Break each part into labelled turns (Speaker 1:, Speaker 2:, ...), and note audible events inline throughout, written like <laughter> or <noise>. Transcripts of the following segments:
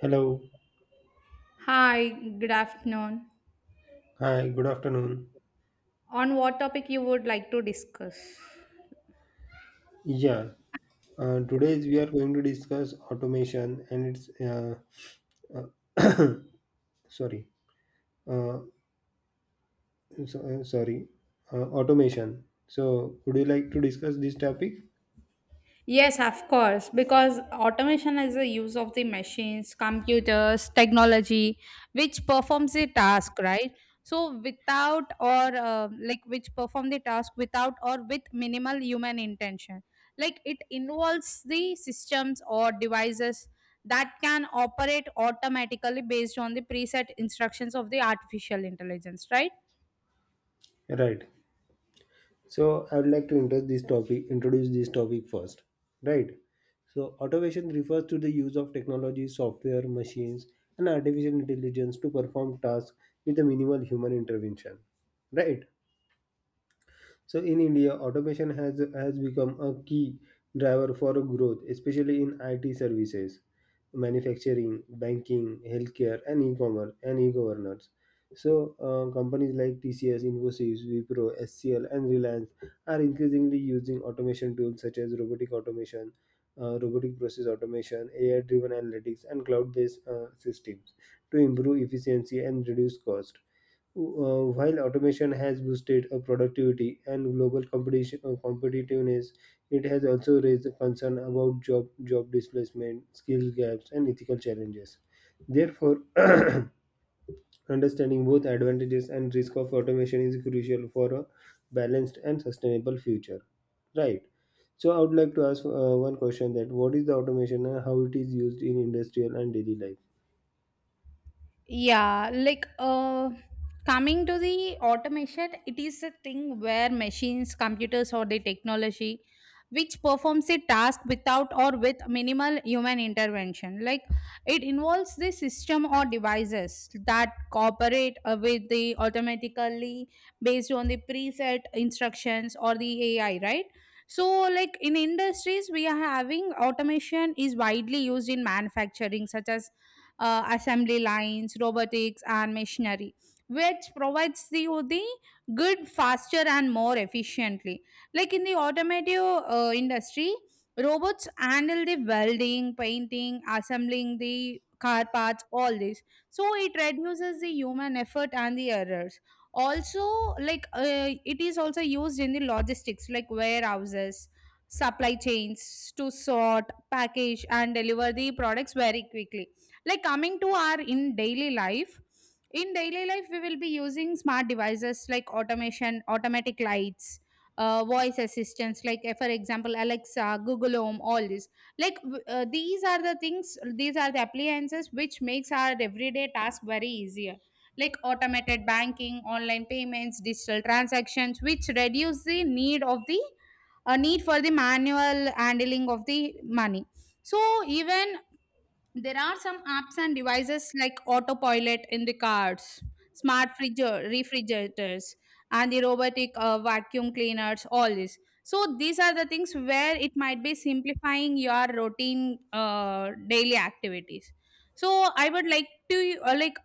Speaker 1: Hello.
Speaker 2: Hi, good afternoon.
Speaker 1: Hi, good afternoon.
Speaker 2: On what topic you would like to discuss?
Speaker 1: Yeah, today we are going to discuss automation and its uh, <coughs> sorry, uh, sorry, automation. So, would you like to discuss this topic?
Speaker 2: Yes, of course, because automation is the use of the machines, computers, technology, which performs the task, right? So without or like which perform the task without or with minimal human intention. Like it involves the systems or devices that can operate automatically based on the preset instructions of the artificial intelligence, right?
Speaker 1: Right. So, I would like to introduce this topic first. Right. So, automation refers to the use of technology, software, machines, and artificial intelligence to perform tasks with a minimal human intervention. Right. So in India, automation has become a key driver for growth, especially in IT services, manufacturing, banking, healthcare, and e-commerce and e-governance. So companies like TCS, Infosys, Wipro, SCL, and Reliance are increasingly using automation tools such as robotic automation, robotic process automation, AI-driven analytics, and cloud-based systems to improve efficiency and reduce cost. While automation has boosted productivity and global competitiveness, it has also raised a concern about job displacement, skill gaps, and ethical challenges. Therefore, <clears throat> understanding both advantages and risk of automation is crucial for a balanced and sustainable future. Right. So, I would like to ask one question: that what is the automation and how it is used in industrial and daily life?
Speaker 2: Yeah, like coming to the automation, it is a thing where machines, computers or the technology which performs a task without or with minimal human intervention. Like it involves the system or devices that cooperate with the automatically based on the preset instructions or the AI, right? So, like in industries, we are having automation is widely used in manufacturing, such as assembly lines, robotics, and machinery, which provides the good faster and more efficiently. Like in the automotive industry, robots handle the welding, painting, assembling the car parts, all this. So it reduces the human effort and the errors. Also, it is also used in the logistics, like warehouses, supply chains to sort, package, and deliver the products very quickly, like coming to our in daily life, in daily life we will be using smart devices like automation, automatic lights, voice assistants like, for example, Alexa, Google Home, all this. These are the things, these are the appliances which makes our everyday task very easier, like automated banking, online payments, digital transactions which reduce the a need for the manual handling of the money. So even there are some apps and devices like autopilot in the cars, smart fridge- refrigerators, and the robotic vacuum cleaners, all this. So these are the things where it might be simplifying your routine daily activities. So I would like to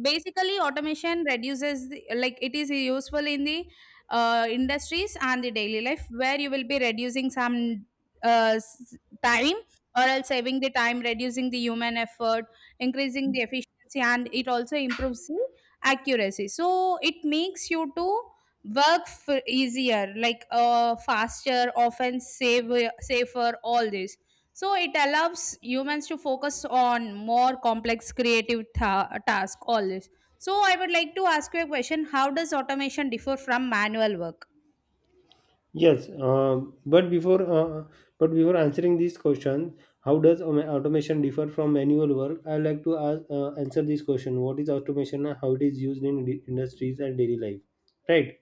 Speaker 2: basically automation reduces the, like it is useful in the industries and the daily life where you will be reducing some uh, s- time or else saving the time, reducing the human effort, increasing the efficiency, and it also improves the accuracy. So it makes you to work easier, like faster, often safer, all this. So it allows humans to focus on more complex creative task, all this. So I would like to ask you a question. How does automation differ from manual work?
Speaker 1: Yes, but before answering this question, how does automation differ from manual work? I like to answer this question: What is automation and how it is used in industries and daily life? Right.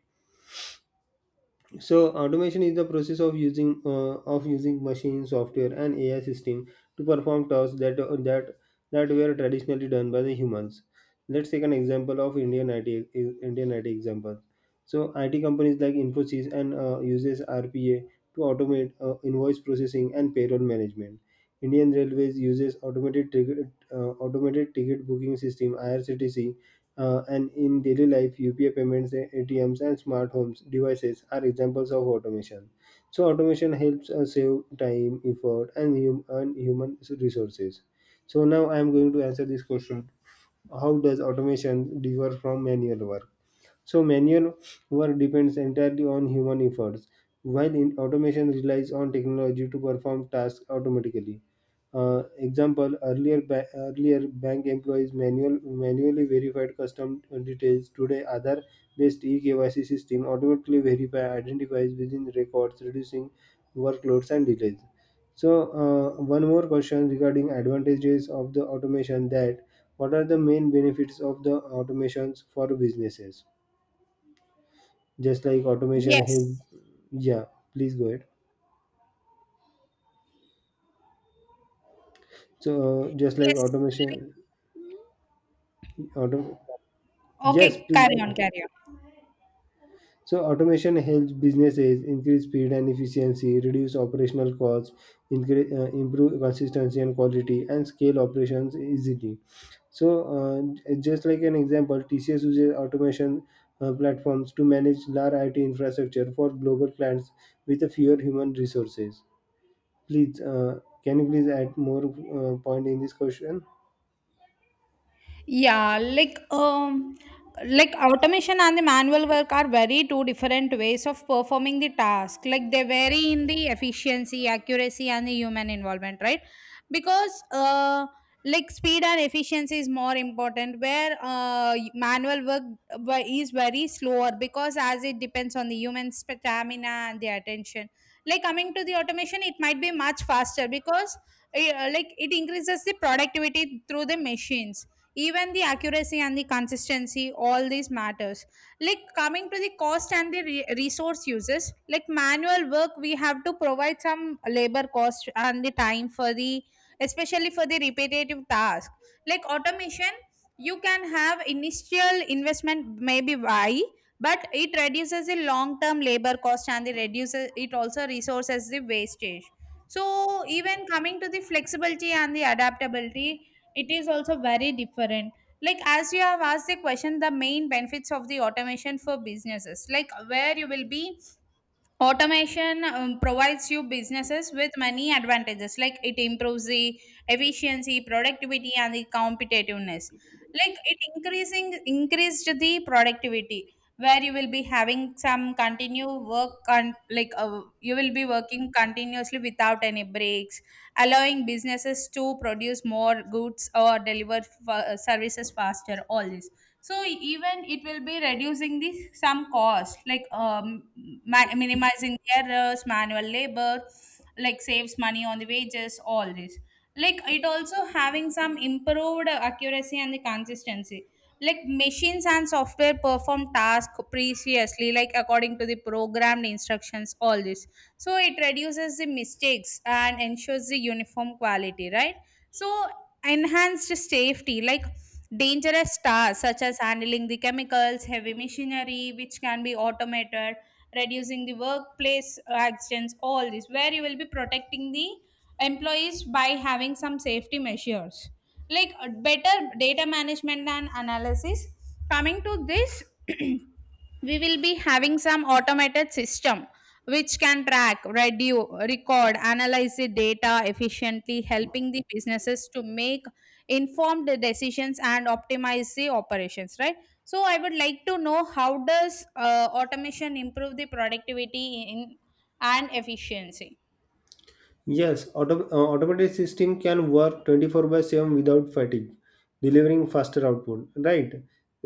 Speaker 1: So automation is the process of using machine software and AI system to perform tasks that were traditionally done by the humans. Let's take an example of Indian IT example. So IT companies like Infosys and uses RPA to automate invoice processing and payroll management. Indian Railways uses automated ticket booking system IRCTC. And in daily life, UPI payments, ATMs, and smart homes devices are examples of automation. So, automation helps us save time, effort, and human resources. So, now I am going to answer this question. How does automation differ from manual work? So manual work depends entirely on human efforts, while in automation relies on technology to perform tasks automatically. Uh, Example: earlier bank employees manually verified custom details. Today, other based eKYC system automatically verify identifies within records, reducing workloads and delays. So, one more question regarding advantages of the automation: that what are the main benefits of the automations for businesses? Just like automation help.
Speaker 2: Yes.
Speaker 1: Yeah, please go ahead. So just like
Speaker 2: Yes.
Speaker 1: automation auto yes
Speaker 2: Okay,
Speaker 1: please
Speaker 2: carry
Speaker 1: go
Speaker 2: on, carry on.
Speaker 1: so automation helps businesses increase speed and efficiency, reduce operational costs, improve consistency and quality, and scale operations easily. So just like an example, TCS uses automation platforms to manage large IT infrastructure for global clients with fewer human resources. Please can you please add more point in this question?
Speaker 2: Yeah, like like automation and the manual work are very two different ways of performing the task. Like they vary in the efficiency, accuracy and the human involvement, right? Because like speed and efficiency is more important where manual work is very slower because as it depends on the human stamina and the attention. Like coming to the automation, it might be much faster because like it increases the productivity through the machines, even the accuracy and the consistency, all these matters. Like coming to the cost and the resource uses, like manual work we have to provide some labor cost and the time for the, especially for the repetitive task. Like automation, you can have initial investment maybe why, but it reduces the long term labor cost and it reduces it, also resources the wastage. So even coming to the flexibility and the adaptability, it is also very different. Like as you have asked the question, the main benefits of the automation for businesses, like where you will be. Automation provides you businesses with many advantages, like it improves the efficiency, productivity, and the competitiveness. Like it increasing increased the productivity, where you will be having some continue work on, like you will be working continuously without any breaks, allowing businesses to produce more goods or deliver services faster, all this. So even it will be reducing the some cost, like minimizing the errors, manual labor, like saves money on the wages, all this. Like it also having some improved accuracy and the consistency, like machines and software perform task previously, like according to the programmed instructions, all this. So it reduces the mistakes and ensures the uniform quality, right? So enhanced safety, like dangerous tasks such as handling the chemicals, heavy machinery, which can be automated, reducing the workplace accidents, all this, where you will be protecting the employees by having some safety measures, like better data management and analysis. Coming to this. <clears throat> We will be having some automated system which can track radio, record, analyze the data efficiently, helping the businesses to make informed decisions and optimize the operations, right? So I would like to know, how does automation improve the productivity in and efficiency?
Speaker 1: Yes, automated system can work 24 by 7 without fatigue, delivering faster output. Right.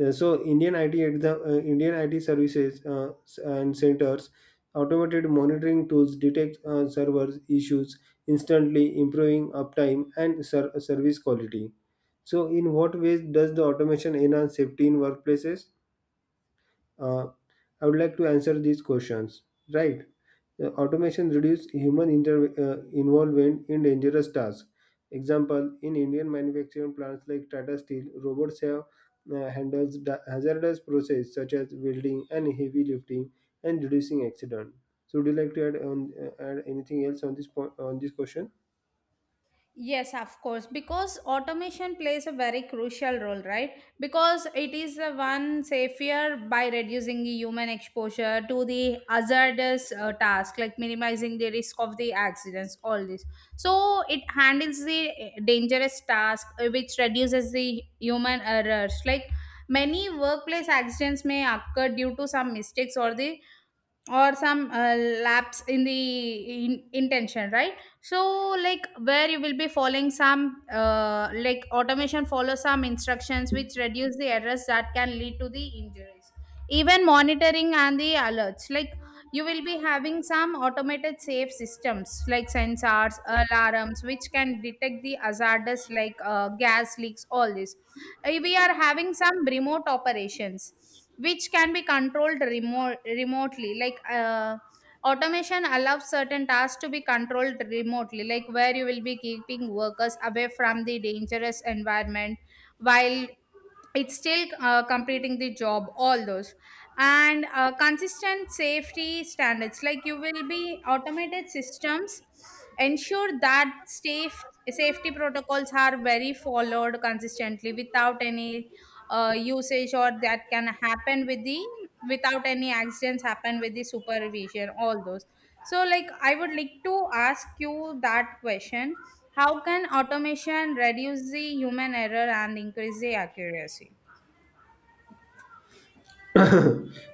Speaker 1: So Indian IT services and centers automated monitoring tools detect servers issues instantly, improving uptime and service quality. So, in what ways does the automation enhance safety in workplaces? Uh, I would like to answer these questions. Right. Automation reduce human involvement in dangerous tasks. Example, in Indian manufacturing plants like Tata Steel, robots have handles hazardous process such as welding and heavy lifting and reducing accident. So, would you like to add on add anything else on this point on this question?
Speaker 2: Yes, of course, because automation plays a very crucial role, right? Because it is the one safer by reducing the human exposure to the hazardous task, like minimizing the risk of the accidents, all this. So it handles the dangerous task, which reduces the human errors. Like many workplace accidents may occur due to some mistakes or the, or some lapse in the in, intention, right? So like where you will be following some like automation follow some instructions which reduce the errors that can lead to the injuries. Even monitoring and the alerts, like you will be having some automated safe systems like sensors, alarms which can detect the hazardous, like gas leaks, all this. We are having some remote operations which can be controlled remotely, like automation allows certain tasks to be controlled remotely, like where you will be keeping workers away from the dangerous environment, while it's still completing the job, all those. And consistent safety standards, like you will be automated systems ensure that safety protocols are very followed consistently without any usage or that can happen with the, without any accidents happen with the supervision, all those. So like, I would like to ask you that question. How can automation reduce the human error and increase the accuracy?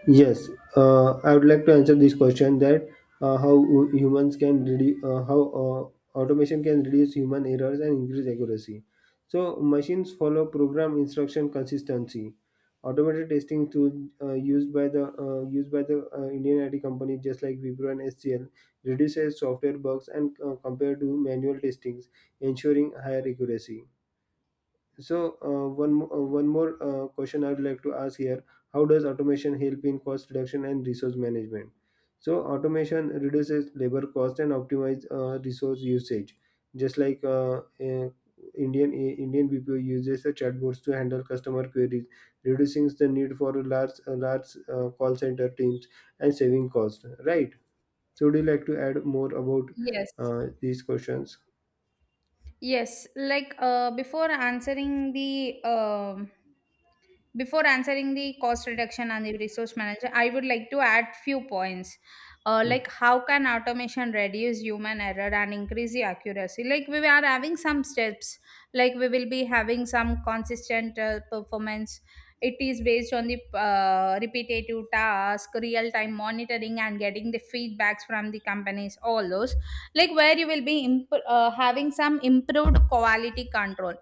Speaker 1: Yes, I would like to answer this question that how hu- humans can reduce how automation can reduce human errors and increase accuracy. So machines follow program instruction consistency. Automated testing tool used by the Indian IT company just like Wipro and HCL reduces software bugs and compared to manual testings, ensuring higher accuracy. So one more question I would like to ask here: How does automation help in cost reduction and resource management? So automation reduces labor cost and optimize resource usage. Just like Indian BPO uses the chatbots to handle customer queries, reducing the need for large call center teams and saving cost. Right. So would you like to add more about
Speaker 2: Yes,
Speaker 1: these questions?
Speaker 2: yes. Like before answering the cost reduction and the resource manager, I would like to add few points. Like how can automation reduce human error and increase the accuracy? Like we are having some steps. Like we will be having some consistent performance. It is based on the repetitive task, real time monitoring, and getting the feedbacks from the companies, all those. Like where you will be having some improved quality control,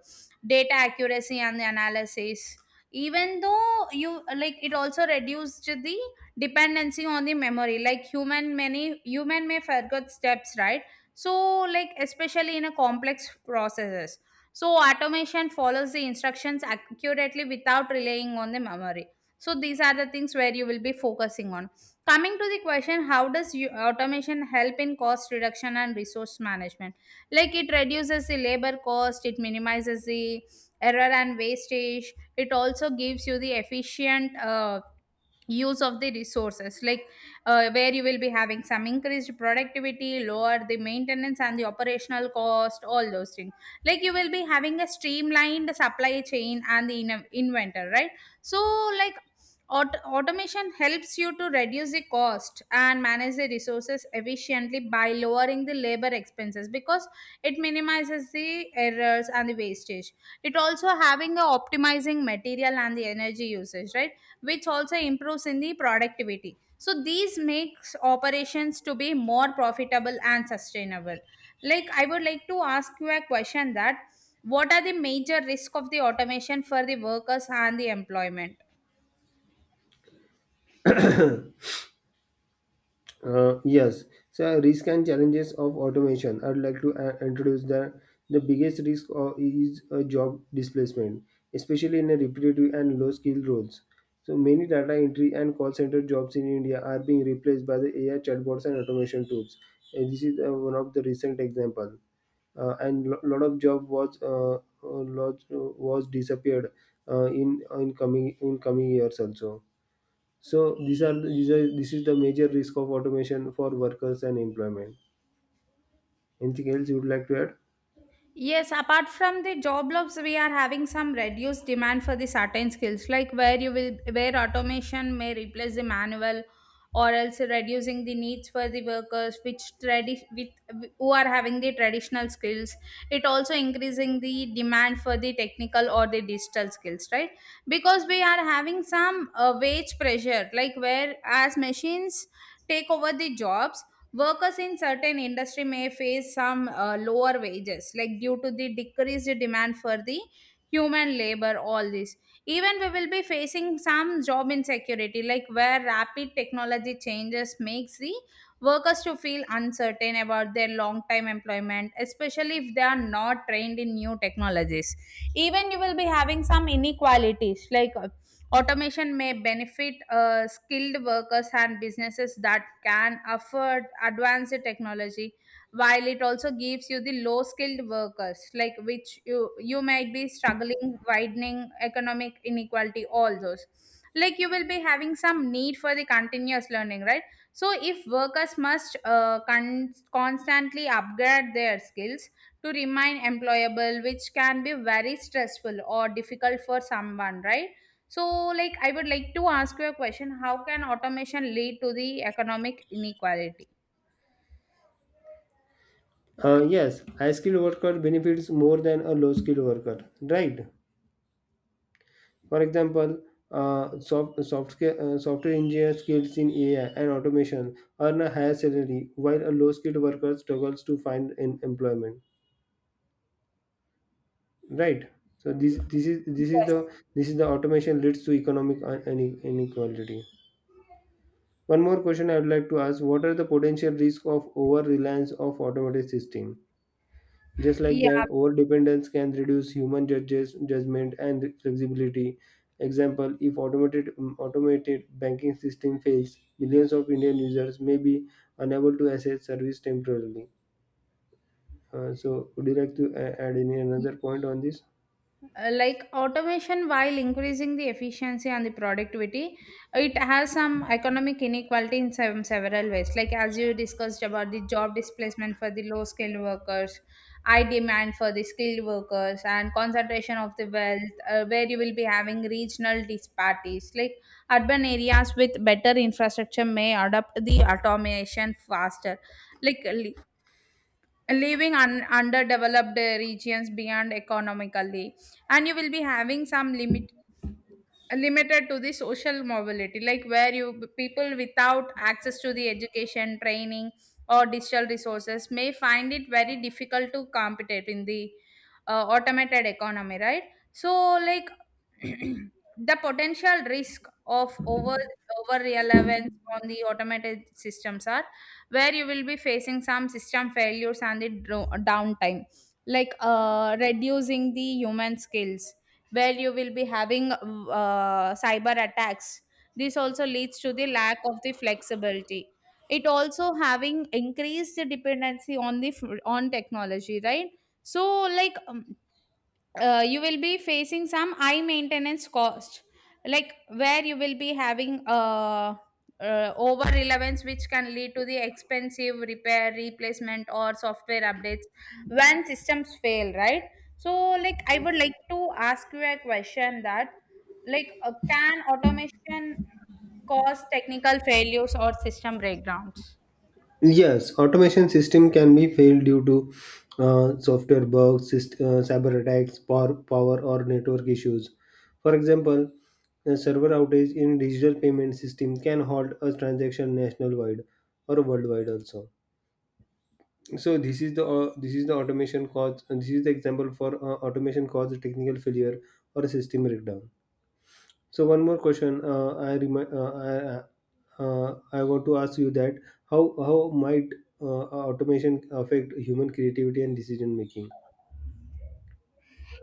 Speaker 2: data accuracy and the analysis. Even though you, like it also reduced the dependency on the memory, like human many human may forget steps, right? So like, especially in a complex processes, so automation follows the instructions accurately without relying on the memory. So these are the things where you will be focusing on. Coming to the question, how does you, automation help in cost reduction and resource management? Like it reduces the labor cost, it minimizes the error and wastage, it also gives you the efficient use of the resources, like where you will be having some increased productivity, lower the maintenance and the operational cost, all those things. Like you will be having a streamlined supply chain and the inventor, right? So like automation helps you to reduce the cost and manage the resources efficiently by lowering the labor expenses, because it minimizes the errors and the wastage. It also having a optimizing material and the energy usage, right? Which also improves in the productivity, so these makes operations to be more profitable and sustainable. Like I would like to ask you a question that, what are the major risk of the automation for the workers and the employment?
Speaker 1: <coughs> <clears throat> Yes, so risk and challenges of automation. I'd like to introduce the biggest risk is job displacement, especially in a repetitive and low skill roles. So many data entry and call center jobs in India are being replaced by the AI chatbots and automation tools. This is one of the recent example. And lo- lot of job was lot, was disappeared in coming years also. So these are the- these are this is the major risk of automation for workers and employment. Anything else you would like to add?
Speaker 2: Yes, apart from the job loss, we are having some reduced demand for the certain skills, like where you will, where automation may replace the manual, or else reducing the needs for the workers which tradi- with who are having the traditional skills. It also increasing the demand for the technical or the digital skills, right? Because we are having some wage pressure, like where as machines take over the jobs. Workers in certain industry may face some lower wages, like due to the decreased demand for the human labor, all this. Even we will be facing some job insecurity, like where rapid technology changes makes the workers to feel uncertain about their long time employment, especially if they are not trained in new technologies. Even you will be having some inequalities, like automation may benefit skilled workers and businesses that can afford advanced technology, while it also gives you the low skilled workers, like which you might be struggling, widening economic inequality, all those. Like you will be having some need for the continuous learning, right? So if workers must constantly upgrade their skills to remain employable, which can be very stressful or difficult for someone, right? So, like, I would like to ask you a question. How can automation lead to the economic inequality?
Speaker 1: Yes, high skilled worker benefits more than a low skilled worker, right? For example, software engineer skills in AI and automation earn a higher salary, while a low skilled worker struggles to find an employment, right? So this this is this is
Speaker 2: Yes.
Speaker 1: the this is the automation leads to economic inequality. One more question I would like to ask: What are the potential risks of over-reliance of automated system? Just like
Speaker 2: Yeah.
Speaker 1: that, over-dependence can reduce human judges, judgment and flexibility. Example: if automated banking system fails, millions of Indian users may be unable to access service temporarily. So, would you like to add any another point on this?
Speaker 2: Like automation, while increasing the efficiency and the productivity, it has some economic inequality in some several ways, like as you discussed, about the job displacement for the low skilled workers, high demand for the skilled workers, and concentration of the wealth, where you will be having regional disparities, like urban areas with better infrastructure may adopt the automation faster, like leaving underdeveloped regions beyond economically. And you will be having some limited to the social mobility, like where you people without access to the education training or digital resources may find it very difficult to compete in the automated economy, right? So, like, <clears throat> the potential risk of over relevance on the automated systems are where you will be facing some system failures and the downtime, like reducing the human skills, where you will be having cyber attacks. This also leads to the lack of the flexibility. It also having increased the dependency on the on technology, right? So, like you will be facing some high maintenance cost, like where you will be having over relevance, which can lead to the expensive repair, replacement, or software updates when systems fail, right? So, like, I would like to ask you a question that, like, can automation cause technical failures or system breakdowns?
Speaker 1: Yes, automation system can be failed due to software bugs, cyber attacks, power or network issues. For example, a server outage in digital payment system can halt a transaction nationwide or worldwide also. So this is the automation cause. This is the example for automation cause technical failure or a system breakdown. So one more question, I, remi- I want to ask you that how might uh, automation affect human creativity and decision making?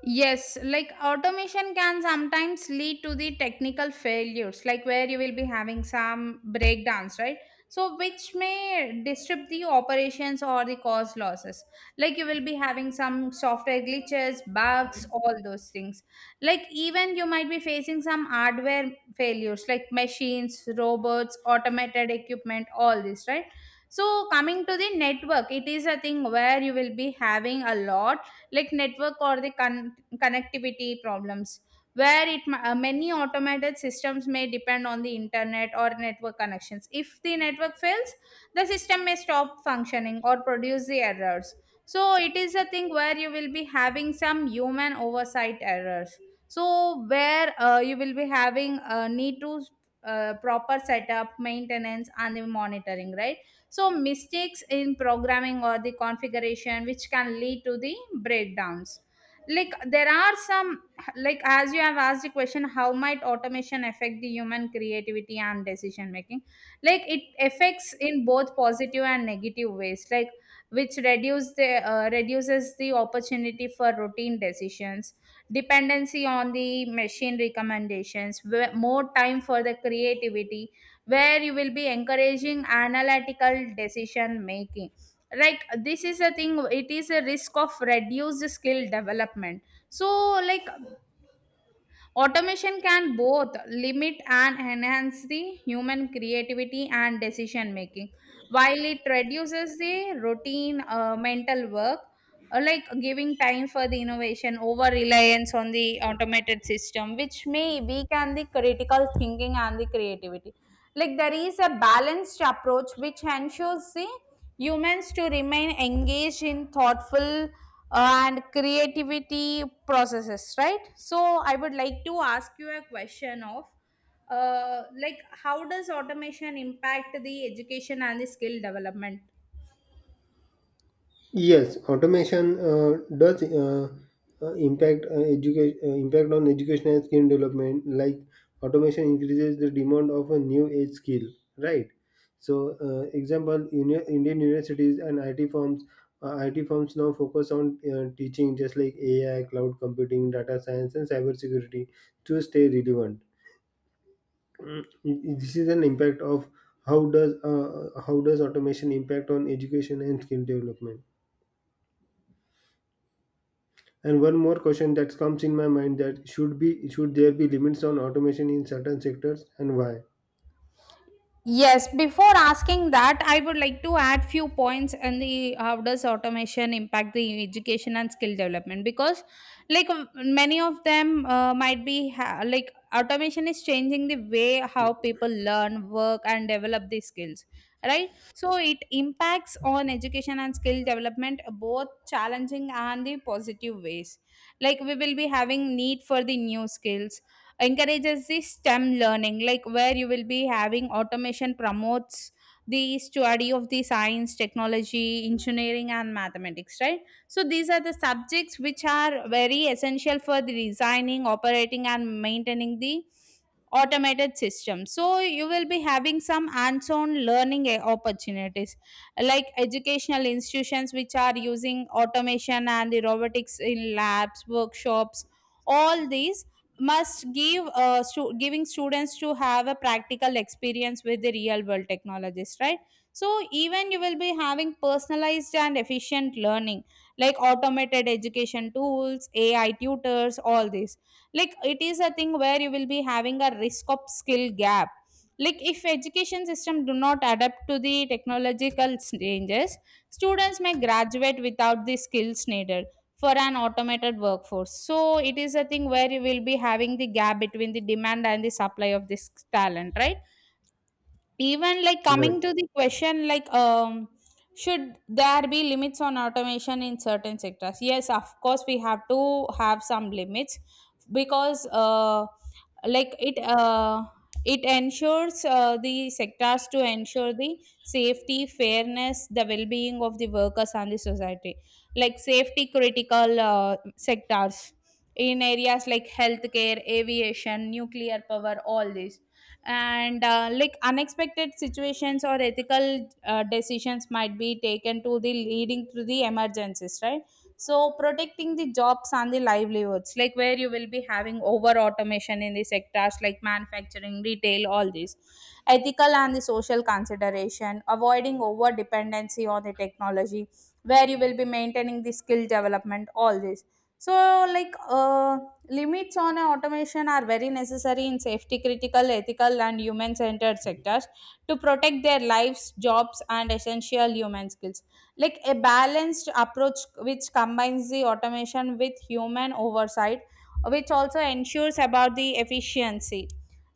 Speaker 2: Yes, like automation can sometimes lead to the technical failures, like where you will be having some breakdowns, right? So, which may disrupt the operations or the cause losses. Like you will be having some software glitches, bugs, all those things. Like, even you might be facing some hardware failures, like machines, robots, automated equipment, all this, right? So, coming to the network, it is a thing where you will be having a lot, like network or the connectivity problems, where many automated systems may depend on the internet or network connections. If the network fails, the system may stop functioning or produce the errors. So it is a thing where you will be having some human oversight errors. So, where you will be having need to, proper setup, maintenance, and the monitoring, right? So mistakes in programming or the configuration which can lead to the breakdowns, like there are some, like as you have asked the question, how might automation affect the human creativity and decision making? Like it affects in both positive and negative ways, like which reduce the reduces the opportunity for routine decisions, dependency on the machine recommendations, more time for the creativity, where you will be encouraging analytical decision making. Like this is a thing, it is a risk of reduced skill development. So, like, automation can both limit and enhance the human creativity and decision making, while it reduces the routine mental work, like giving time for the innovation. Over reliance on the automated system, which may weaken the critical thinking and the creativity, like there is a balanced approach which ensures the humans to remain engaged in thoughtful and creativity processes, right? So I would like to ask you a question of, like, how does automation impact the education and the skill development?
Speaker 1: Yes, automation does impact education. Impact on education and skill development. Like automation increases the demand of a new age skill, right? So, example, uni- Indian universities and IT firms now focus on teaching just like AI, cloud computing, data science, and cybersecurity to stay relevant. Mm. This is an impact of how does automation impact on education and skill development? And one more question that comes in my mind: that should there be limits on automation in certain sectors and why?
Speaker 2: Yes, before asking that, I would like to add few points and the how does automation impact the education and skill development, because like many of them might be like automation is changing the way how people learn, work, and develop these skills, right? So it impacts on education and skill development both challenging and the positive ways. Like we will be having need for the new skills, encourages the STEM learning, like where you will be having automation promotes the study of the science, technology, engineering, and mathematics, right? So these are the subjects which are very essential for the designing, operating, and maintaining the automated system. So you will be having some hands-on learning, opportunities, like educational institutions which are using automation and the robotics in labs, workshops, all these must give giving students to have a practical experience with the real world technologies, right? So even you will be having personalized and efficient learning, like automated education tools, AI tutors, all this. Like it is a thing where you will be having a risk of skill gap, like if education system do not adapt to the technological changes, students may graduate without the skills needed for an automated workforce. So it is a thing where you will be having the gap between the demand and the supply of this talent, right? Even like
Speaker 1: Right.
Speaker 2: coming to the question, like, should there be limits on automation in certain sectors? Yes, of course, we have to have some limits because, like it ensures the sectors to ensure the safety, fairness, the well-being of the workers and the society. Like safety critical sectors in areas like healthcare, aviation, nuclear power, all this, and like unexpected situations or ethical decisions might be taken to the leading to the emergencies, right? So protecting the jobs and the livelihoods, like where you will be having over automation in the sectors like manufacturing, retail, all these, ethical and the social consideration, avoiding over dependency on the technology, where you will be maintaining the skill development, all this. So, like, limits on automation are very necessary in safety critical, ethical, and human centered sectors to protect their lives, jobs, and essential human skills. Like a balanced approach which combines the automation with human oversight, which also ensures about the efficiency,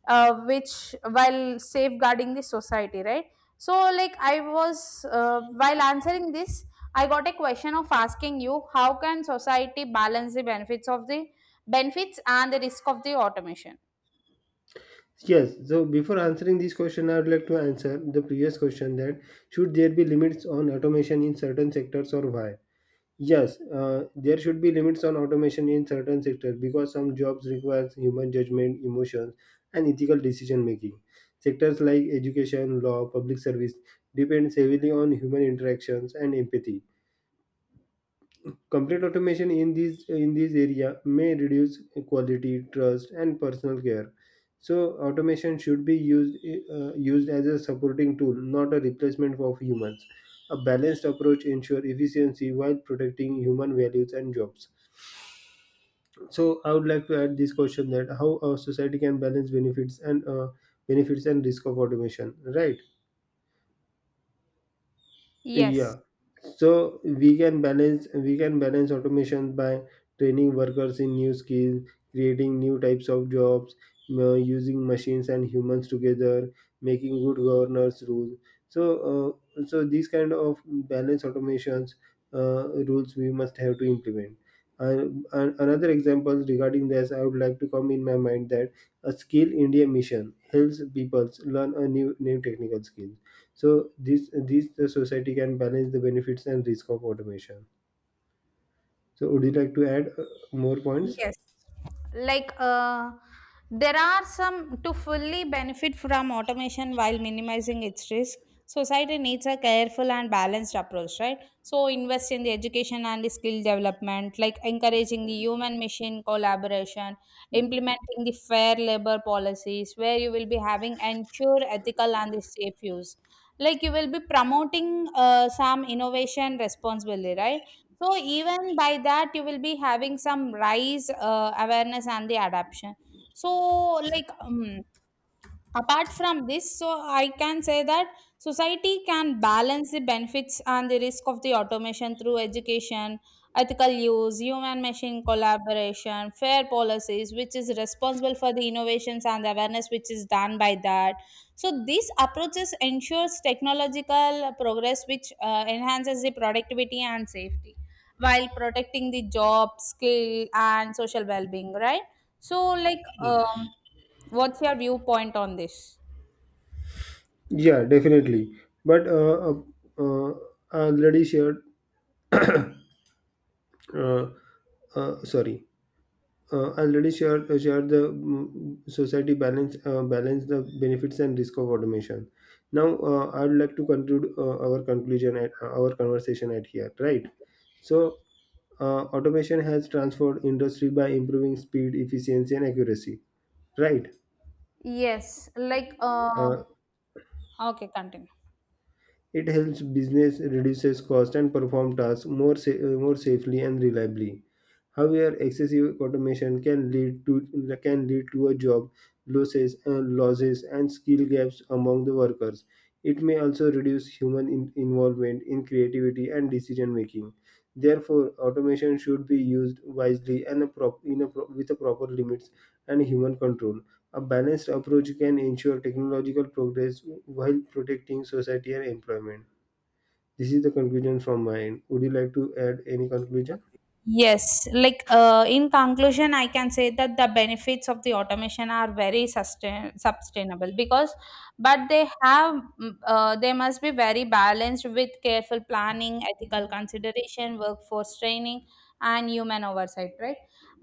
Speaker 2: which while safeguarding the society, right? So, like I was, while answering this, I got a question of asking you, how can society balance the benefits of the benefits and the risk of the automation?
Speaker 1: Yes, so before answering this question, I would like to answer the previous question that should there be limits on automation in certain sectors or why? Yes, there should be limits on automation in certain sectors because some jobs requires human judgment, emotions, and ethical decision making. Sectors like education, law, public service depends heavily on human interactions and empathy. Complete automation in this area may reduce quality, trust, and personal care. So automation should be used as a supporting tool, not a replacement of humans. A balanced approach ensures efficiency while protecting human values and jobs. So I would like to add this question: that how a society can balance benefits and risk of automation, right?
Speaker 2: Yes,
Speaker 1: Yeah. So we can balance automation by training workers in new skills, creating new types of jobs, using machines and humans together, making good governance rules. So so these kind of balance automations rules we must have to implement. And another example regarding this, I would like to come in my mind that a skill India mission helps people learn a new technical skill. So this the society can balance the benefits and risk of automation. So would you like to add more points?
Speaker 2: yes. Like there are some, to fully benefit from automation while minimizing its risk, society needs a careful and balanced approach, right? So invest in the education and the skill development, like encouraging the human machine collaboration, implementing the fair labor policies, where you will be having ensure ethical and the safe use. Like you will be promoting some innovation responsibly, right? So even by that, you will be having some rise awareness and the adaption. So like apart from this, so I can say that society can balance the benefits and the risk of the automation through education, ethical use, human machine collaboration, fair policies which is responsible for the innovations, and the awareness which is done by that. So these approaches ensures technological progress which enhances the productivity and safety while protecting the job skill and social well-being, right? So, like what's your viewpoint on this?
Speaker 1: Yeah, definitely. But uh, I already shared. Uh, uh, sorry, I already shared the society balance balance the benefits and risk of automation. Now I would like to conclude our conversation at here. Right. So automation has transformed industry by improving speed, efficiency, and accuracy. Right?
Speaker 2: Yes, like
Speaker 1: Uh,
Speaker 2: okay, continue.
Speaker 1: it helps business reduces cost and perform tasks more safely and reliably. However, excessive automation can lead to a job losses and losses and skill gaps among the workers. It may also reduce human involvement in creativity and decision making. Therefore, automation should be used wisely and a prop- in a pro- with a proper limits and human control. A balanced approach can ensure technological progress while protecting society and employment. This is the conclusion from my end. Would you like to add any conclusion?
Speaker 2: Yes, like in conclusion, I can say that the benefits of the automation are very sustainable, because, but they have, they must be very balanced with careful planning, ethical consideration, workforce training, and human oversight, right?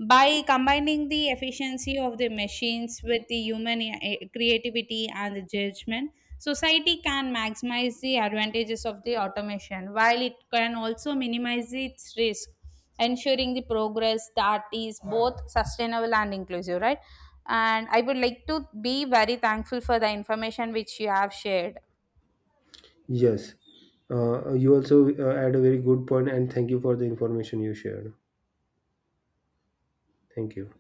Speaker 2: By combining the efficiency of the machines with the human, creativity and the judgment, society can maximize the advantages of the automation while it can also minimize its risk, ensuring the progress that is both sustainable and inclusive, right? And I would like to be very thankful for the information which you have shared.
Speaker 1: Yes. You also add a very good point, and thank you for the information you shared. Thank you.